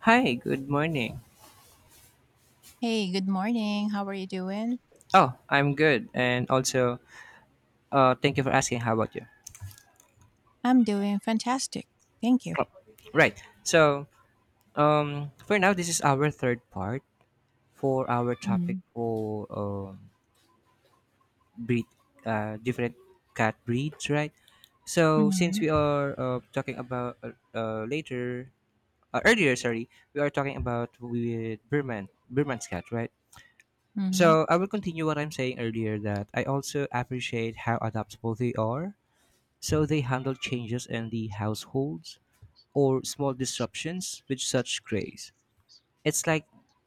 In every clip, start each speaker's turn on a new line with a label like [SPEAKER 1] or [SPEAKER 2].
[SPEAKER 1] Hi, good morning.
[SPEAKER 2] Hey, good morning. How are you doing?
[SPEAKER 1] Oh, I'm good. And also, thank you for asking. How about you?
[SPEAKER 2] I'm doing fantastic. Thank you.
[SPEAKER 1] Right. So, for now, this is our third part for our topic
[SPEAKER 2] Mhm,
[SPEAKER 1] for breed, different cat breeds, right? So, since
[SPEAKER 2] mhm,
[SPEAKER 1] we are talking about later, earlier, sorry, we are talking about with Burman, Burman's cat, right?
[SPEAKER 2] mhm.
[SPEAKER 1] So, I will continue what I'm saying earlier that I also appreciate how adaptable they are. So they handle changes in the households or small disruptions with such grace. It's like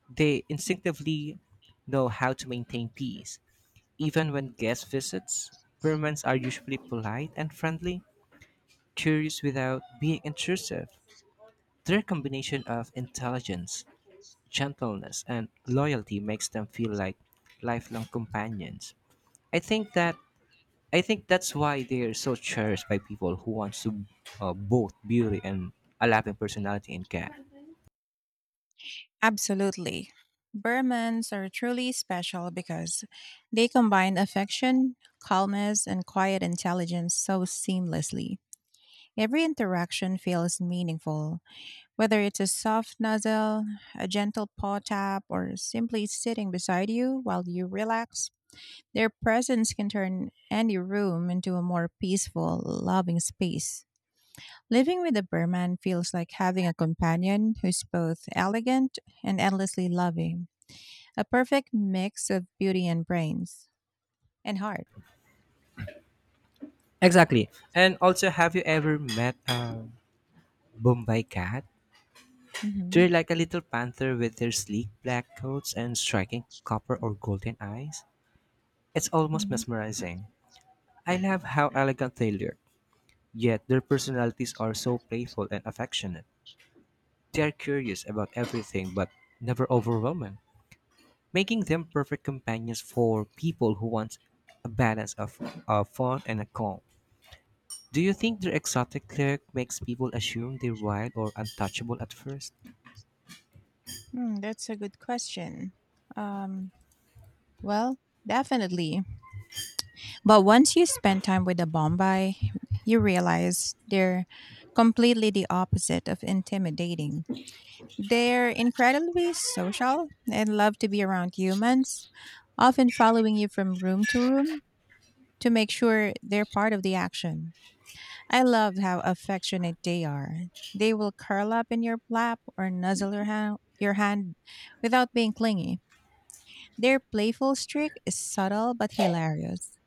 [SPEAKER 1] they instinctively know how to maintain peace. Even when guest visits, Burmans are usually polite and friendly, curious without being intrusive. Their combination of intelligence, gentleness, and loyalty makes them feel like lifelong companions. I think that I think that's why they're so cherished by people who wants to both beauty and a lapping personality in cat.
[SPEAKER 2] Absolutely. Burmans are truly special because they combine affection, calmness, and quiet intelligence so seamlessly. Every interaction feels meaningful, whether it's a soft nuzzle, a gentle paw tap, or simply sitting beside you while you relax. Their presence can turn any room into a more peaceful, loving space. Living with a Burman feels like having a companion who's both elegant and endlessly loving, a perfect mix of beauty and brains and heart.
[SPEAKER 1] Exactly. And also, have you ever met a Bombay cat?
[SPEAKER 2] Hmm.
[SPEAKER 1] They're like a little panther with their sleek black coats and striking copper or golden eyes. It's almost
[SPEAKER 2] Hmm,
[SPEAKER 1] mesmerizing. I love how elegant they look, yet their personalities are so playful and affectionate. They are curious about everything but never overwhelming, making them perfect companions for people who want a balance of fun and a calm. Do you think their exotic look makes people assume they're wild or untouchable at first?
[SPEAKER 2] that's a good question. Um, well, definitely. But once you spend time with a Bombay, you realize they're completely the opposite of intimidating. They're incredibly social and love to be around humans, often following you from room to room to make sure they're part of the action. I love how affectionate they are. They will curl up in your lap or nuzzle your hand, without being clingy. Their playful streak is subtle but hilarious,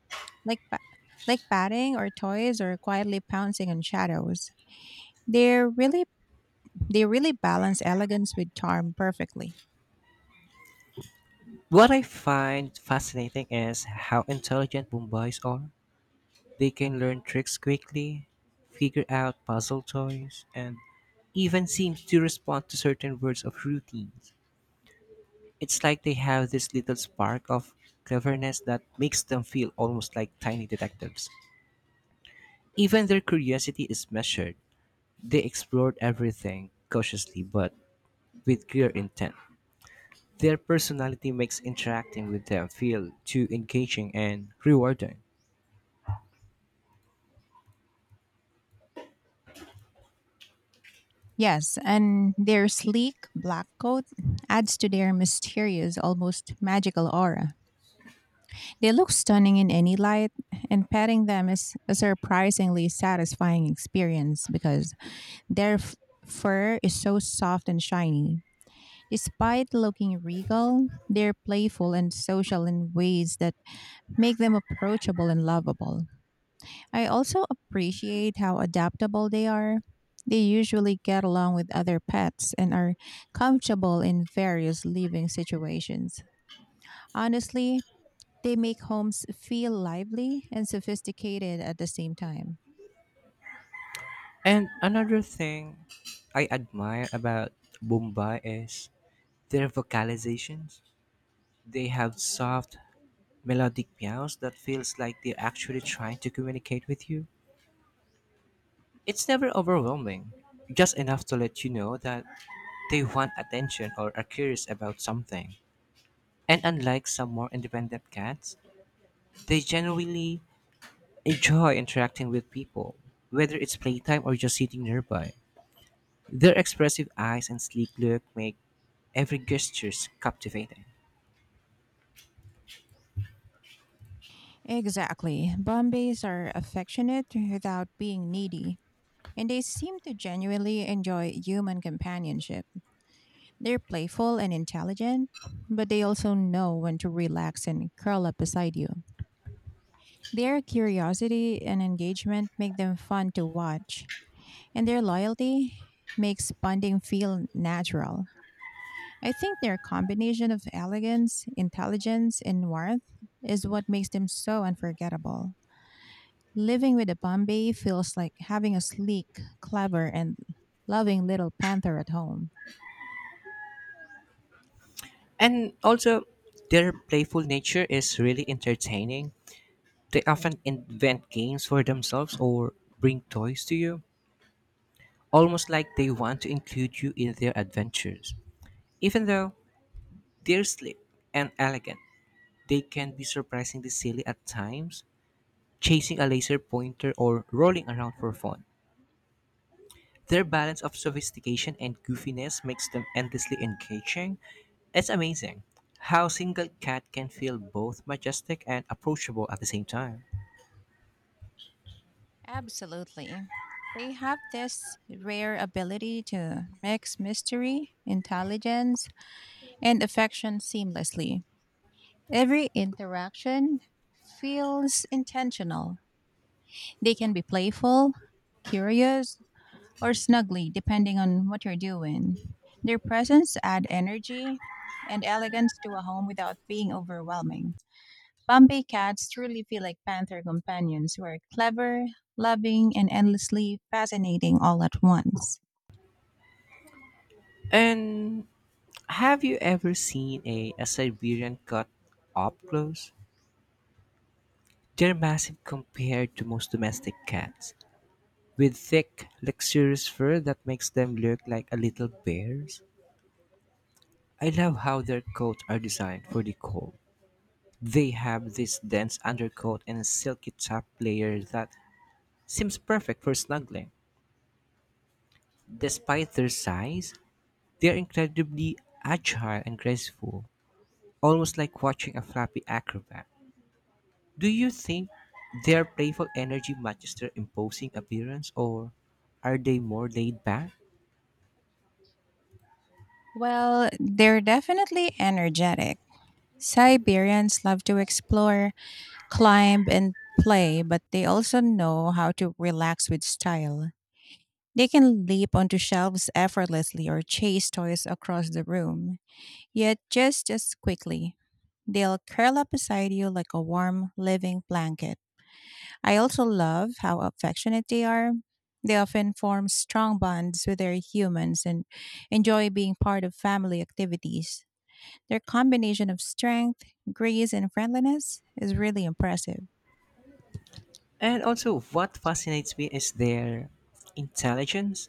[SPEAKER 2] like, like patting or toys or quietly pouncing on shadows. They're really they really balance elegance with charm perfectly.
[SPEAKER 1] What I find fascinating is how intelligent Mumbais are. They can learn tricks quickly, figure out puzzle toys, and even seem to respond to certain words of routines. It's like they have this little spark of cleverness that makes them feel almost like tiny detectives. Even their curiosity is measured. They explored everything cautiously but with clear intent. Their personality makes interacting with them feel too engaging and rewarding.
[SPEAKER 2] Yes, and their sleek black coat adds to their mysterious, almost magical aura. They look stunning in any light, and petting them is a surprisingly satisfying experience because their f- fur is so soft and shiny. Despite looking regal, they're playful and social in ways that make them approachable and lovable. I also appreciate how adaptable they are. They usually get along with other pets and are comfortable in various living situations. Honestly, they make homes feel lively and sophisticated at the same time.
[SPEAKER 1] And another thing I admire about Bombay is their vocalizations. They have soft, melodic meows that feels like they're actually trying to communicate with you. It's never overwhelming, just enough to let you know that they want attention or are curious about something. And unlike some more independent cats, they generally enjoy interacting with people, whether it's playtime or just sitting nearby. Their expressive eyes and sleek look make every gesture captivating.
[SPEAKER 2] Exactly. Bombays are affectionate without being needy, and they seem to genuinely enjoy human companionship. They're playful and intelligent, but they also know when to relax and curl up beside you. Their curiosity and engagement make them fun to watch, and their loyalty makes bonding feel natural. I think their combination of elegance, intelligence, and warmth is what makes them so unforgettable. Living with a Bombay feels like having a sleek, clever, and loving little panther at home.
[SPEAKER 1] And also, their playful nature is really entertaining. They often invent games for themselves or bring toys to you, almost like they want to include you in their adventures. Even though they're sleek and elegant, they can be surprisingly silly at times, chasing a laser pointer, or rolling around for fun. Their balance of sophistication and goofiness makes them endlessly engaging. It's amazing how single cat can feel both majestic and approachable at the same time.
[SPEAKER 2] Absolutely. They have this rare ability to mix mystery, intelligence, and affection seamlessly. Every interaction feels intentional. They can be playful, curious, or snuggly, depending on what you're doing. Their presence adds energy and elegance to a home without being overwhelming. Bombay cats truly feel like panther companions who are clever, loving, and endlessly fascinating all at once.
[SPEAKER 1] And have you ever seen a Siberian cat up close? They're massive compared to most domestic cats, with thick, luxurious fur that makes them look like a little bears. I love how their coats are designed for the cold. They have this dense undercoat and a silky top layer that seems perfect for snuggling. Despite their size, they are incredibly agile and graceful, almost like watching a flappy acrobat. Do you think their playful energy matches their imposing appearance, or are they more laid back?
[SPEAKER 2] Well, they're definitely energetic. Siberians love to explore, climb and play, but they also know how to relax with style. They can leap onto shelves effortlessly or chase toys across the room, yet just as quickly. They'll curl up beside you like a warm, living blanket. I also love how affectionate they are. They often form strong bonds with their humans and enjoy being part of family activities. Their combination of strength, grace, and friendliness is really impressive.
[SPEAKER 1] And also, what fascinates me is their intelligence.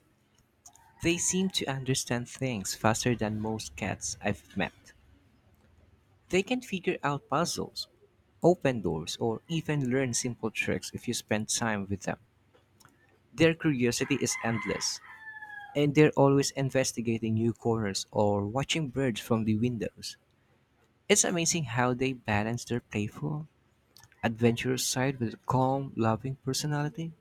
[SPEAKER 1] They seem to understand things faster than most cats I've met. They can figure out puzzles, open doors, or even learn simple tricks if you spend time with them. Their curiosity is endless, and they're always investigating new corners or watching birds from the windows. It's amazing how they balance their playful, adventurous side with a calm, loving personality.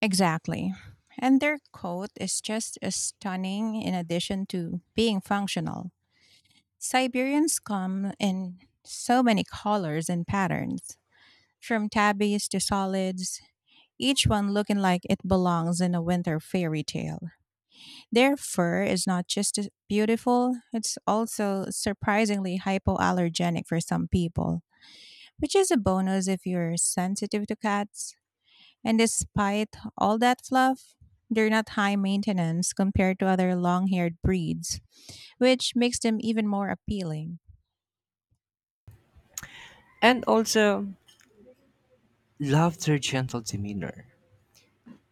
[SPEAKER 2] Exactly. And their coat is just as stunning in addition to being functional. Siberians come in so many colors and patterns, from tabbies to solids, each one looking like it belongs in a winter fairy tale. Their fur is not just beautiful, it's also surprisingly hypoallergenic for some people, which is a bonus if you're sensitive to cats. And despite all that fluff, they're not high maintenance compared to other long haired breeds, which makes them even more appealing.
[SPEAKER 1] And also, love their gentle demeanor.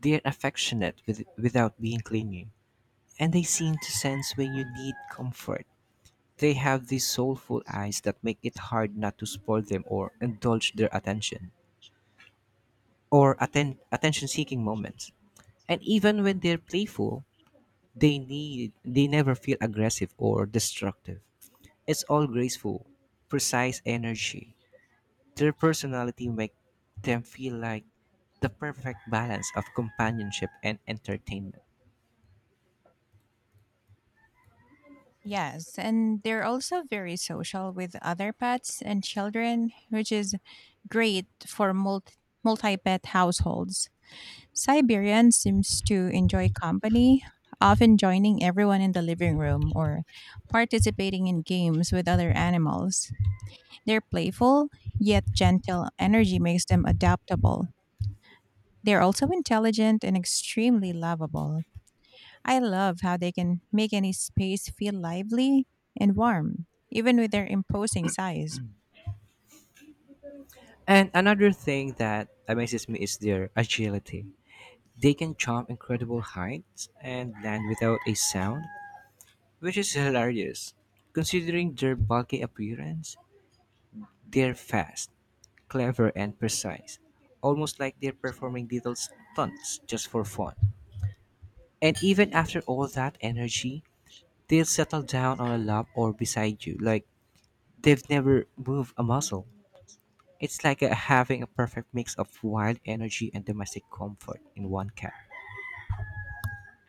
[SPEAKER 1] They're affectionate with, without being clingy, and they seem to sense when you need comfort. They have these soulful eyes that make it hard not to spoil them or indulge their attention or attention-seeking moments. And even when they're playful, they never feel aggressive or destructive. It's all graceful, precise energy. Their personality make them feel like the perfect balance of companionship and entertainment.
[SPEAKER 2] Yes, and they're also very social with other pets and children, which is great for multi pet households. Siberian seems to enjoy company, often joining everyone in the living room or participating in games with other animals. Their playful yet gentle energy makes them adaptable. They're also intelligent and extremely lovable. I love how they can make any space feel lively and warm, even with their imposing size.
[SPEAKER 1] And another thing that amazes me is their agility. They can jump incredible heights and land without a sound, which is hilarious. Considering their bulky appearance, they're fast, clever, and precise, almost like they're performing little stunts just for fun. And even after all that energy, they'll settle down on a lap or beside you like they've never moved a muscle. It's like having a perfect mix of wild energy and domestic comfort in one cat.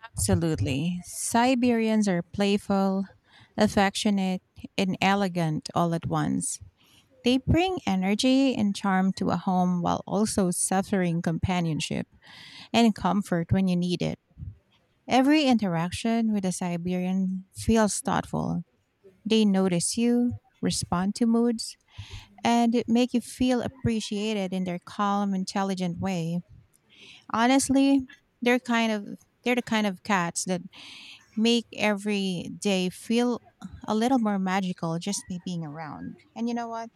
[SPEAKER 2] Absolutely. Siberians are playful, affectionate, and elegant all at once. They bring energy and charm to a home while also suffering companionship and comfort when you need it. Every interaction with a Siberian feels thoughtful. They notice you, respond to moods, and make you feel appreciated in their calm, intelligent way. Honestly, they're kind of they're the kind of cats that make every day feel a little more magical just by being around. And you know what?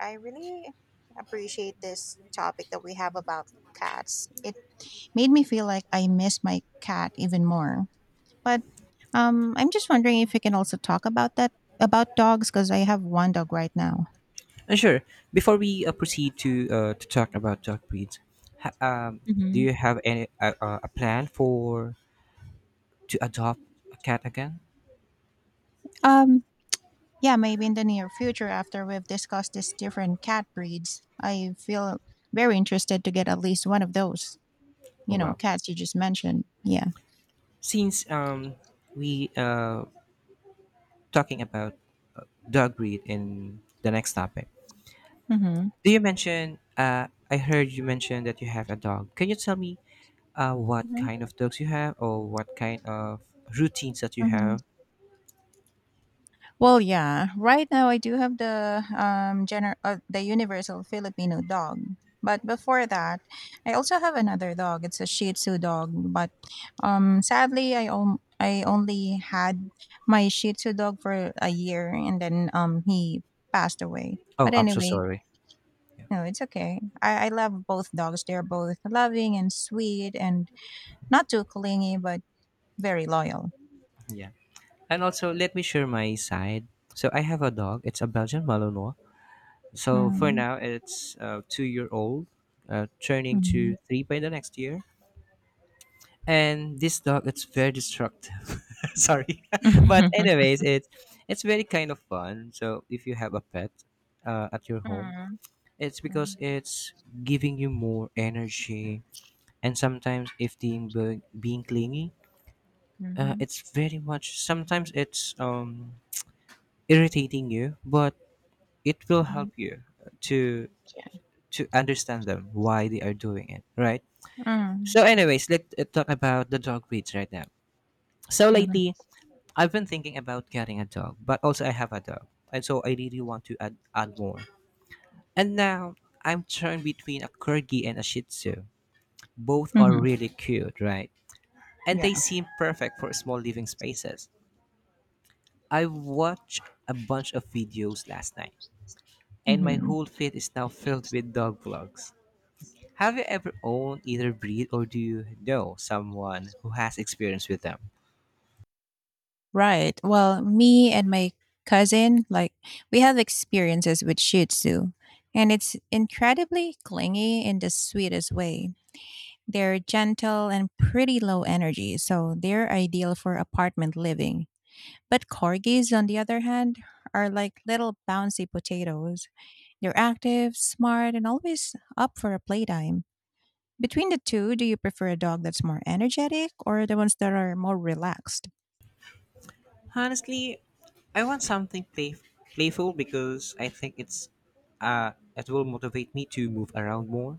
[SPEAKER 2] I really appreciate this topic that we have about cats. It made me feel like I miss my cat even more. But I'm just wondering if you can also talk about that about dogs because I have one dog right now.
[SPEAKER 1] Sure. Before we proceed to talk about dog breeds, ha- um, do
[SPEAKER 2] Hmm.
[SPEAKER 1] you have any a plan for to adopt a cat again?
[SPEAKER 2] Um, yeah, maybe in the near future after we've discussed these different cat breeds, I feel very interested to get at least one of those.
[SPEAKER 1] Oh
[SPEAKER 2] You know,
[SPEAKER 1] wow!
[SPEAKER 2] cats you just mentioned. Yeah.
[SPEAKER 1] Since we talking about dog breed in the next topic,
[SPEAKER 2] Mm-hmm.
[SPEAKER 1] do you mention? I heard you mention that you have a dog. Can you tell me what
[SPEAKER 2] Hmm.
[SPEAKER 1] kind of dogs you have, or what kind of routines that you
[SPEAKER 2] mm hmm
[SPEAKER 1] have?
[SPEAKER 2] Well, yeah. Right now, I do have the the universal Filipino dog. But before that, I also have another dog. It's a Shih Tzu dog. But sadly, I only had my Shih Tzu dog for a year, and then he passed away.
[SPEAKER 1] Oh,
[SPEAKER 2] But
[SPEAKER 1] I'm so
[SPEAKER 2] anyway,
[SPEAKER 1] sorry.
[SPEAKER 2] no, it's okay. I love both dogs. They're both loving and sweet, and not too clingy, but very loyal.
[SPEAKER 1] Yeah. And also, let me share my side. So I have a dog. It's a Belgian Malinois. So for
[SPEAKER 2] Mm-hmm.
[SPEAKER 1] now, it's 2-year old, turning to 3 by the next year. And this dog, it's very destructive. Sorry, but
[SPEAKER 2] Mm-hmm.
[SPEAKER 1] anyways, it's very kind of fun. So if you have a pet at your home, it's because it's giving you more energy. And sometimes, if being clingy,
[SPEAKER 2] Mm-hmm.
[SPEAKER 1] it's very much. Sometimes it's irritating you, but it will
[SPEAKER 2] Mhm,
[SPEAKER 1] help you to
[SPEAKER 2] yeah.
[SPEAKER 1] understand them why they are doing it, right?
[SPEAKER 2] Mm,
[SPEAKER 1] So anyways, let's talk about the dog breeds right now. So
[SPEAKER 2] mhm,
[SPEAKER 1] lately, I've been thinking about getting a dog, but also I have a dog, and so I really want to add more. And now I'm torn between a corgi and a Shih Tzu. Both are
[SPEAKER 2] mhm,
[SPEAKER 1] really cute, right? And they
[SPEAKER 2] yeah,
[SPEAKER 1] seem perfect for small living spaces. I watched a bunch of videos last night, and my
[SPEAKER 2] mhm.
[SPEAKER 1] whole feed is now filled with dog vlogs. Have you ever owned either breed or do you know someone who has experience with them?
[SPEAKER 2] Right. Well, me and my cousin, like, we have experiences with Shih Tzu, and it's incredibly clingy in the sweetest way. They're gentle and pretty low energy, so they're ideal for apartment living. But corgis, on the other hand, are like little bouncy potatoes. They're active, smart, and always up for a playtime. Between the two, do you prefer a dog that's more energetic or the ones that are more relaxed?
[SPEAKER 1] Honestly, I want something playful because I think it will motivate me to move around more.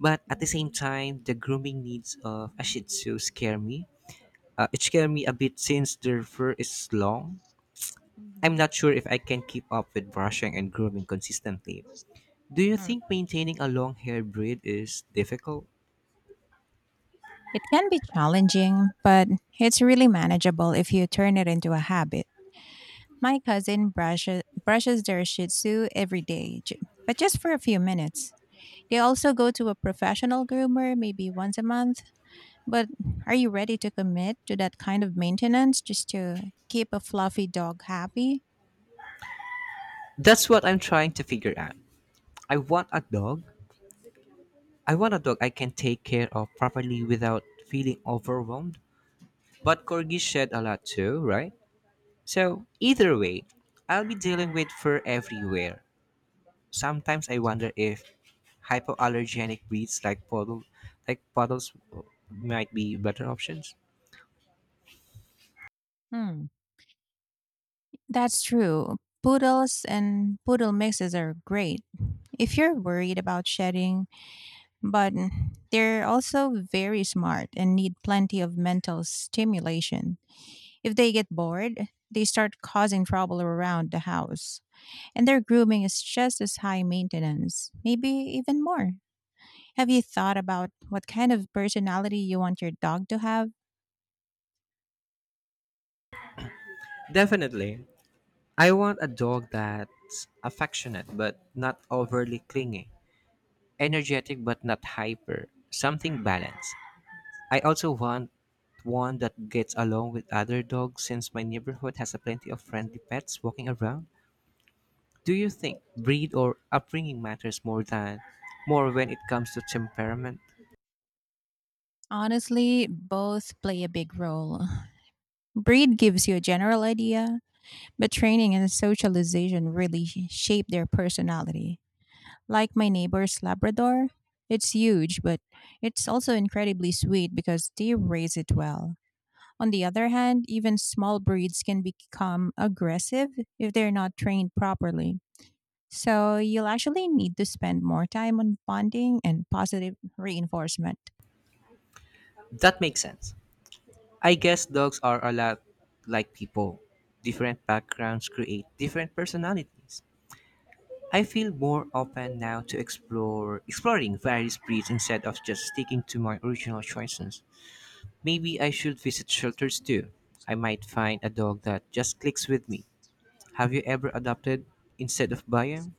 [SPEAKER 1] But at the same
[SPEAKER 2] Mhm,
[SPEAKER 1] time, the grooming needs of a Shih Tzu scare me. It scared me a bit since their fur is long. I'm
[SPEAKER 2] mhm.
[SPEAKER 1] not sure if I can keep up with brushing and grooming consistently. Do you
[SPEAKER 2] Hmm.
[SPEAKER 1] think maintaining a long hair breed is difficult?
[SPEAKER 2] It can be challenging, but it's really manageable if you turn it into a habit. My cousin brushes their Shih Tzu every day, but just for a few minutes. They also go to a professional groomer maybe once a month. But are you ready to commit to that kind of maintenance just to keep a fluffy dog happy?
[SPEAKER 1] That's what I'm trying to figure out. I want a dog. I want a dog I can take care of properly without feeling overwhelmed. But corgis shed a lot too, right? So either way, I'll be dealing with fur everywhere. Sometimes I wonder if hypoallergenic breeds like poodles might be better options.
[SPEAKER 2] Hmm. That's true. Poodles and poodle mixes are great if you're worried about shedding, but they're also very smart and need plenty of mental stimulation. If they get bored, they start causing trouble around the house. And their grooming is just as high maintenance, maybe even more. Have you thought about what kind of personality you want your dog to have?
[SPEAKER 1] Definitely. I want a dog that's affectionate but not overly clingy, energetic but not hyper, something balanced. I also want one that gets along with other dogs since my neighborhood has a plenty of friendly pets walking around. Do you think breed or upbringing matters more than more when it comes to temperament?
[SPEAKER 2] Honestly, both play a big role. Breed gives you a general idea, but training and socialization really shape their personality. Like my neighbor's Labrador, it's huge, but it's also incredibly sweet because they raise it well. On the other hand, even small breeds can become aggressive if they're not trained properly. So you'll actually need to spend more time on bonding and positive reinforcement.
[SPEAKER 1] That makes sense. I guess dogs are a lot like people. Different backgrounds create different personalities. I feel more open now to explore exploring various breeds instead of just sticking to my original choices. Maybe I should visit shelters too. I might find a dog that just clicks with me. Have you ever adopted instead of buying?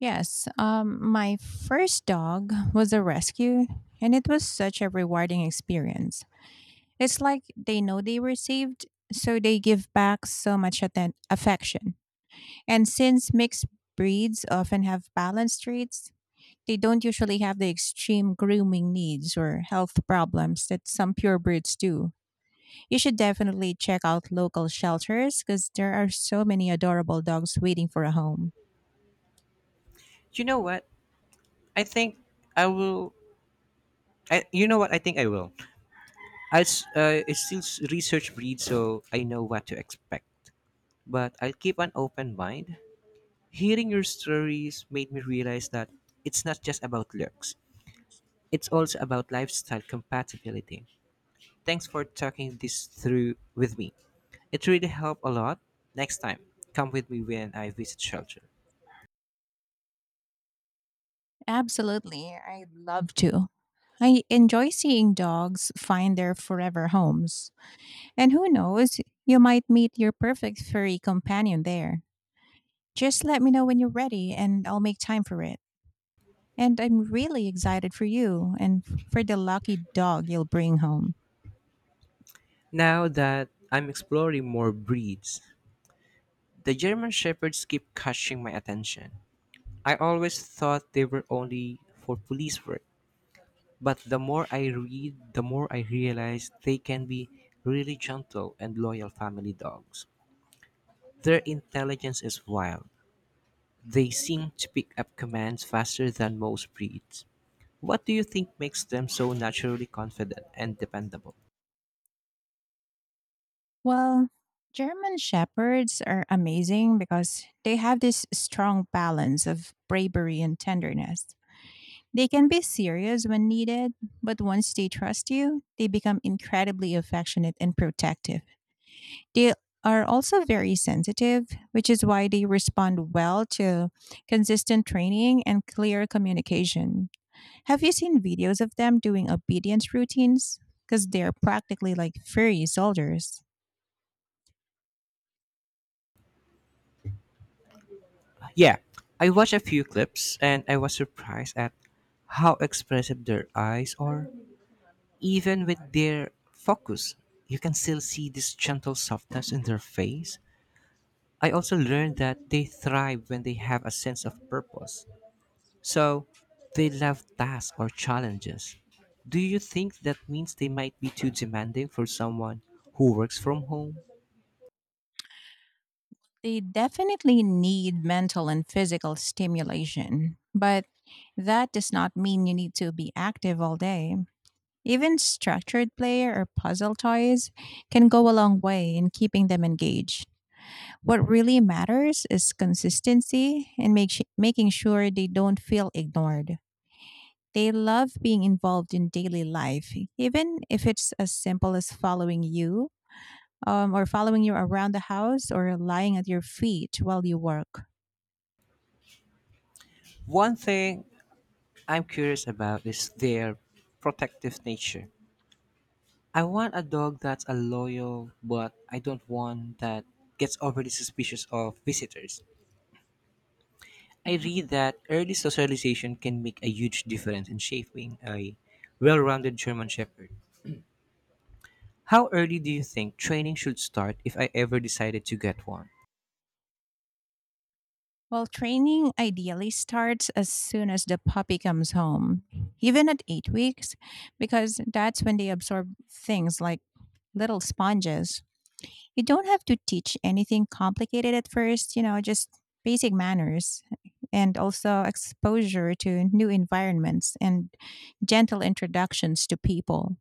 [SPEAKER 2] Yes, my first dog was a rescue, and it was such a rewarding experience. It's like they know they were saved, so they give back so much affection. And since mixed breeds often have balanced traits, they don't usually have the extreme grooming needs or health problems that some purebreds do. You should definitely check out local shelters because there are so many adorable dogs waiting for a home.
[SPEAKER 1] You know what? I think I will. I, you know what? I think I will. I still research breed, so I know what to expect. But I'll keep an open mind. Hearing your stories made me realize that it's not just about looks, it's also about lifestyle compatibility. Thanks for talking this through with me. It really helped a lot. Next time, come with me when I visit shelter.
[SPEAKER 2] Absolutely, I'd love to. I enjoy seeing dogs find their forever homes. And who knows, you might meet your perfect furry companion there. Just let me know when you're ready and I'll make time for it. And I'm really excited for you and for the lucky dog you'll bring home.
[SPEAKER 1] Now that I'm exploring more breeds, the German Shepherds keep catching my attention. I always thought they were only for police work, but the more I read, the more I realize they can be really gentle and loyal family dogs. Their intelligence is wild. They seem to pick up commands faster than most breeds. What do you think makes them so naturally confident and dependable?
[SPEAKER 2] Well, German Shepherds are amazing because they have this strong balance of bravery and tenderness. They can be serious when needed, but once they trust you, they become incredibly affectionate and protective. They are also very sensitive, which is why they respond well to consistent training and clear communication. Have you seen videos of them doing obedience routines? Because they're practically like furry soldiers.
[SPEAKER 1] Yeah, I watched a few clips and I was surprised at how expressive their eyes are. Even with their focus, you can still see this gentle softness in their face. I also learned that they thrive when they have a sense of purpose. So, they love tasks or challenges. Do you think that means they might be too demanding for someone who works from home?
[SPEAKER 2] They definitely need mental and physical stimulation, but that does not mean you need to be active all day. Even structured play or puzzle toys can go a long way in keeping them engaged. What really matters is consistency and making sure they don't feel ignored. They love being involved in daily life, even if it's as simple as following you around the house or lying at your feet while you work.
[SPEAKER 1] One thing I'm curious about is their protective nature. I want a dog that's a loyal, but I don't want that gets overly suspicious of visitors. I read that early socialization can make a huge difference in shaping a well-rounded German Shepherd. How early do you think training should start if I ever decided to get one?
[SPEAKER 2] Well, training ideally starts as soon as the puppy comes home, even at 8 weeks, because that's when they absorb things like little sponges. You don't have to teach anything complicated at first, you know, just basic manners and also exposure to new environments and gentle introductions to people.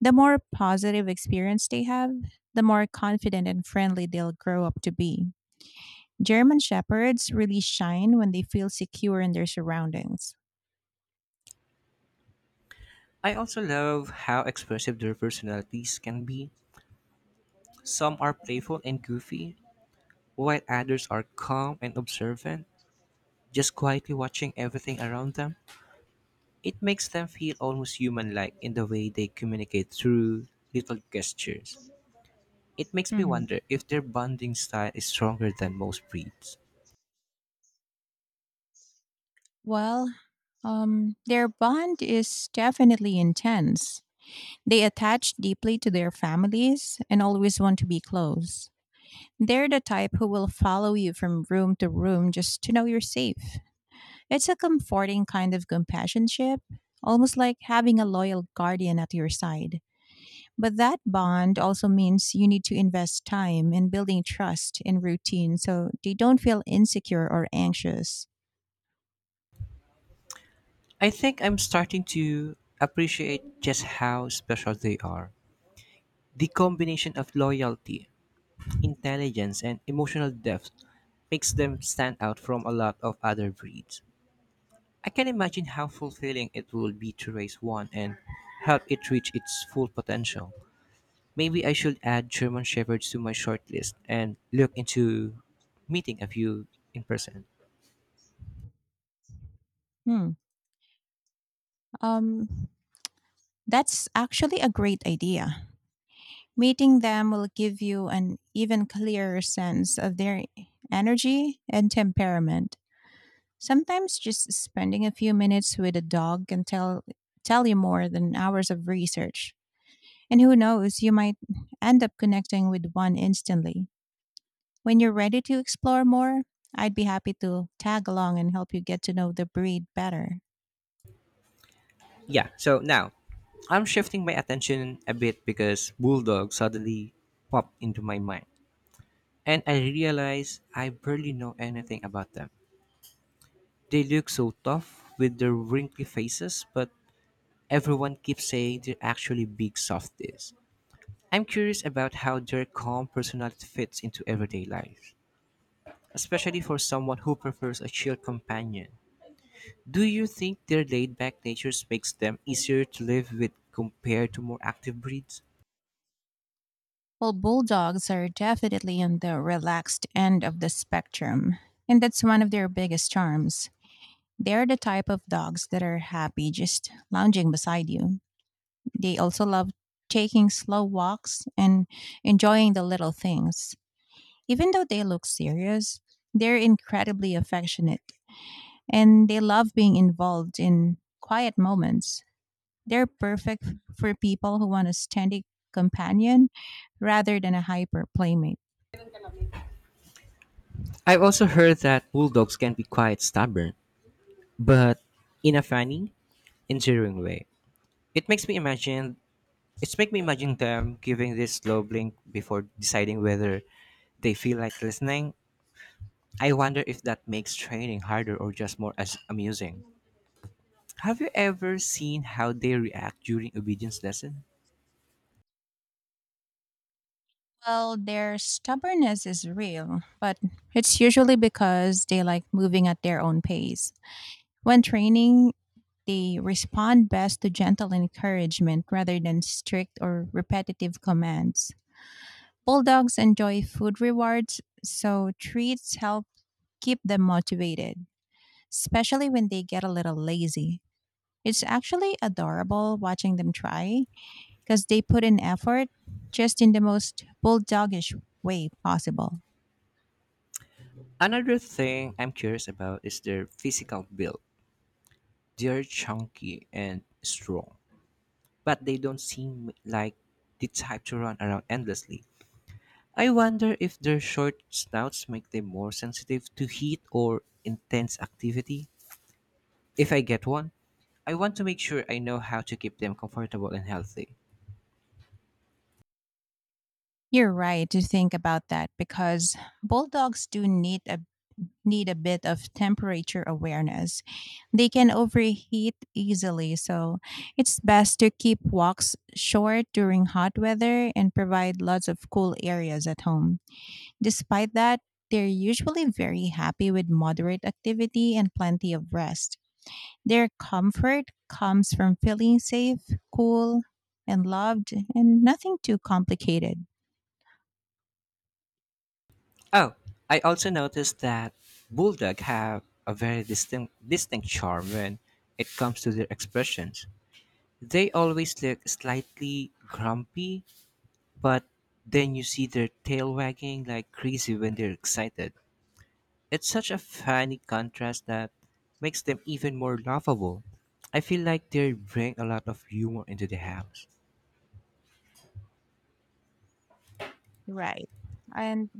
[SPEAKER 2] The more positive experience they have, the more confident and friendly they'll grow up to be. German Shepherds really shine when they feel secure in their surroundings.
[SPEAKER 1] I also love how expressive their personalities can be. Some are playful and goofy, while others are calm and observant, just quietly watching everything around them. It makes them feel almost human like in the way they communicate through little gestures. It makes me
[SPEAKER 2] Mhm.
[SPEAKER 1] wonder if their bonding style is stronger than most breeds.
[SPEAKER 2] Well, their bond is definitely intense. They attach deeply to their families and always want to be close. They're the type who will follow you from room to room just to know you're safe. It's a comforting kind of companionship, almost like having a loyal guardian at your side. But that bond also means you need to invest time in building trust and routine so they don't feel insecure or anxious.
[SPEAKER 1] I think I'm starting to appreciate just how special they are. The combination of loyalty, intelligence, and emotional depth makes them stand out from a lot of other breeds. I can imagine how fulfilling it will be to raise one and help it reach its full potential. Maybe I should add German Shepherds to my short list and look into meeting a few in person.
[SPEAKER 2] Hmm. Um, that's actually a great idea. Meeting them will give you an even clearer sense of their energy and temperament. Sometimes just spending a few minutes with a dog can tell you more than hours of research. And who knows, you might end up connecting with one instantly. When you're ready to explore more, I'd be happy to tag along and help you get to know the breed better.
[SPEAKER 1] Yeah, so now I'm shifting my attention a bit because Bulldog suddenly popped into my mind. And I realize I barely know anything about them. They look so tough with their wrinkly faces, but everyone keeps saying they're actually big softies. I'm curious about how their calm personality fits into everyday life, especially for someone who prefers a chill companion. Do you think their laid-back natures makes them easier to live with compared to more active breeds?
[SPEAKER 2] Well, bulldogs are definitely on the relaxed end of the spectrum, and that's one of their biggest charms. They're the type of dogs that are happy just lounging beside you. They also love taking slow walks and enjoying the little things. Even though they look serious, they're incredibly affectionate and they love being involved in quiet moments. They're perfect for people who want a steady companion rather than a hyper playmate.
[SPEAKER 1] I've also heard that bulldogs can be quite stubborn, but in a funny, endearing way. It makes me imagine them giving this slow blink before deciding whether they feel like listening. I wonder if that makes training harder or just more as amusing. Have you ever seen how they react during obedience lesson?
[SPEAKER 2] Well, their stubbornness is real, but it's usually because they like moving at their own pace. When training, they respond best to gentle encouragement rather than strict or repetitive commands. Bulldogs enjoy food rewards, so treats help keep them motivated, especially when they get a little lazy. It's actually adorable watching them try because they put in effort just in the most bulldogish way possible.
[SPEAKER 1] Another thing I'm curious about is their physical build. They're chunky and strong, but they don't seem like the type to run around endlessly. I wonder if their short snouts make them more sensitive to heat or intense activity. If I get one, I want to make sure I know how to keep them comfortable and healthy.
[SPEAKER 2] You're right to think about that because bulldogs do need a bit of temperature awareness. They can overheat easily, so it's best to keep walks short during hot weather and provide lots of cool areas at home. Despite that, they're usually very happy with moderate activity and plenty of rest. Their comfort comes from feeling safe, cool, and loved, and nothing too complicated.
[SPEAKER 1] Oh, I also noticed that bulldog have a very distinct charm when it comes to their expressions. They always look slightly grumpy, but then you see their tail wagging like crazy when they're excited. It's such a funny contrast that makes them even more laughable. I feel like they bring a lot of humor into the house.
[SPEAKER 2] Right. And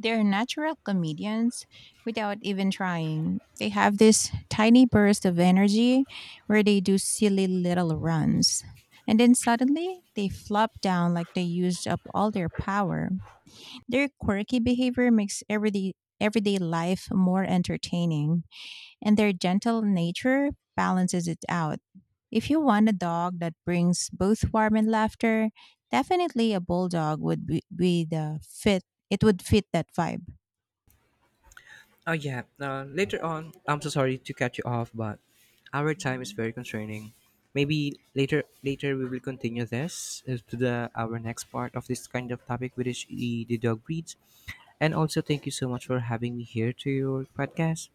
[SPEAKER 2] they're natural comedians without even trying. They have this tiny burst of energy where they do silly little runs. And then suddenly they flop down like they used up all their power. Their quirky behavior makes everyday life more entertaining, and their gentle nature balances it out. If you want a dog that brings both warmth and laughter, definitely a bulldog would be the fit. It would fit that vibe.
[SPEAKER 1] Oh yeah. Later on, I'm so sorry to cut you off, but our time is
[SPEAKER 2] Mhm,
[SPEAKER 1] very constraining. Maybe later we will continue this to the our next part of this kind of topic, which is the dog breeds. And also, thank you so much for having me here to your podcast.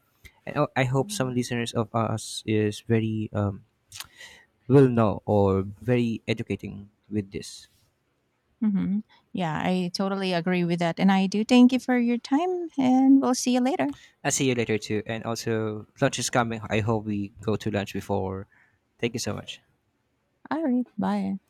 [SPEAKER 1] And oh, I hope
[SPEAKER 2] mhm,
[SPEAKER 1] some listeners of us is very will know or very educating with this.
[SPEAKER 2] mhm. Yeah, I totally agree with that. And I do thank you for your time, and we'll see you later.
[SPEAKER 1] I'll see you later too. And also, lunch is coming. I hope we go to lunch before. Thank you so much.
[SPEAKER 2] All right. Bye.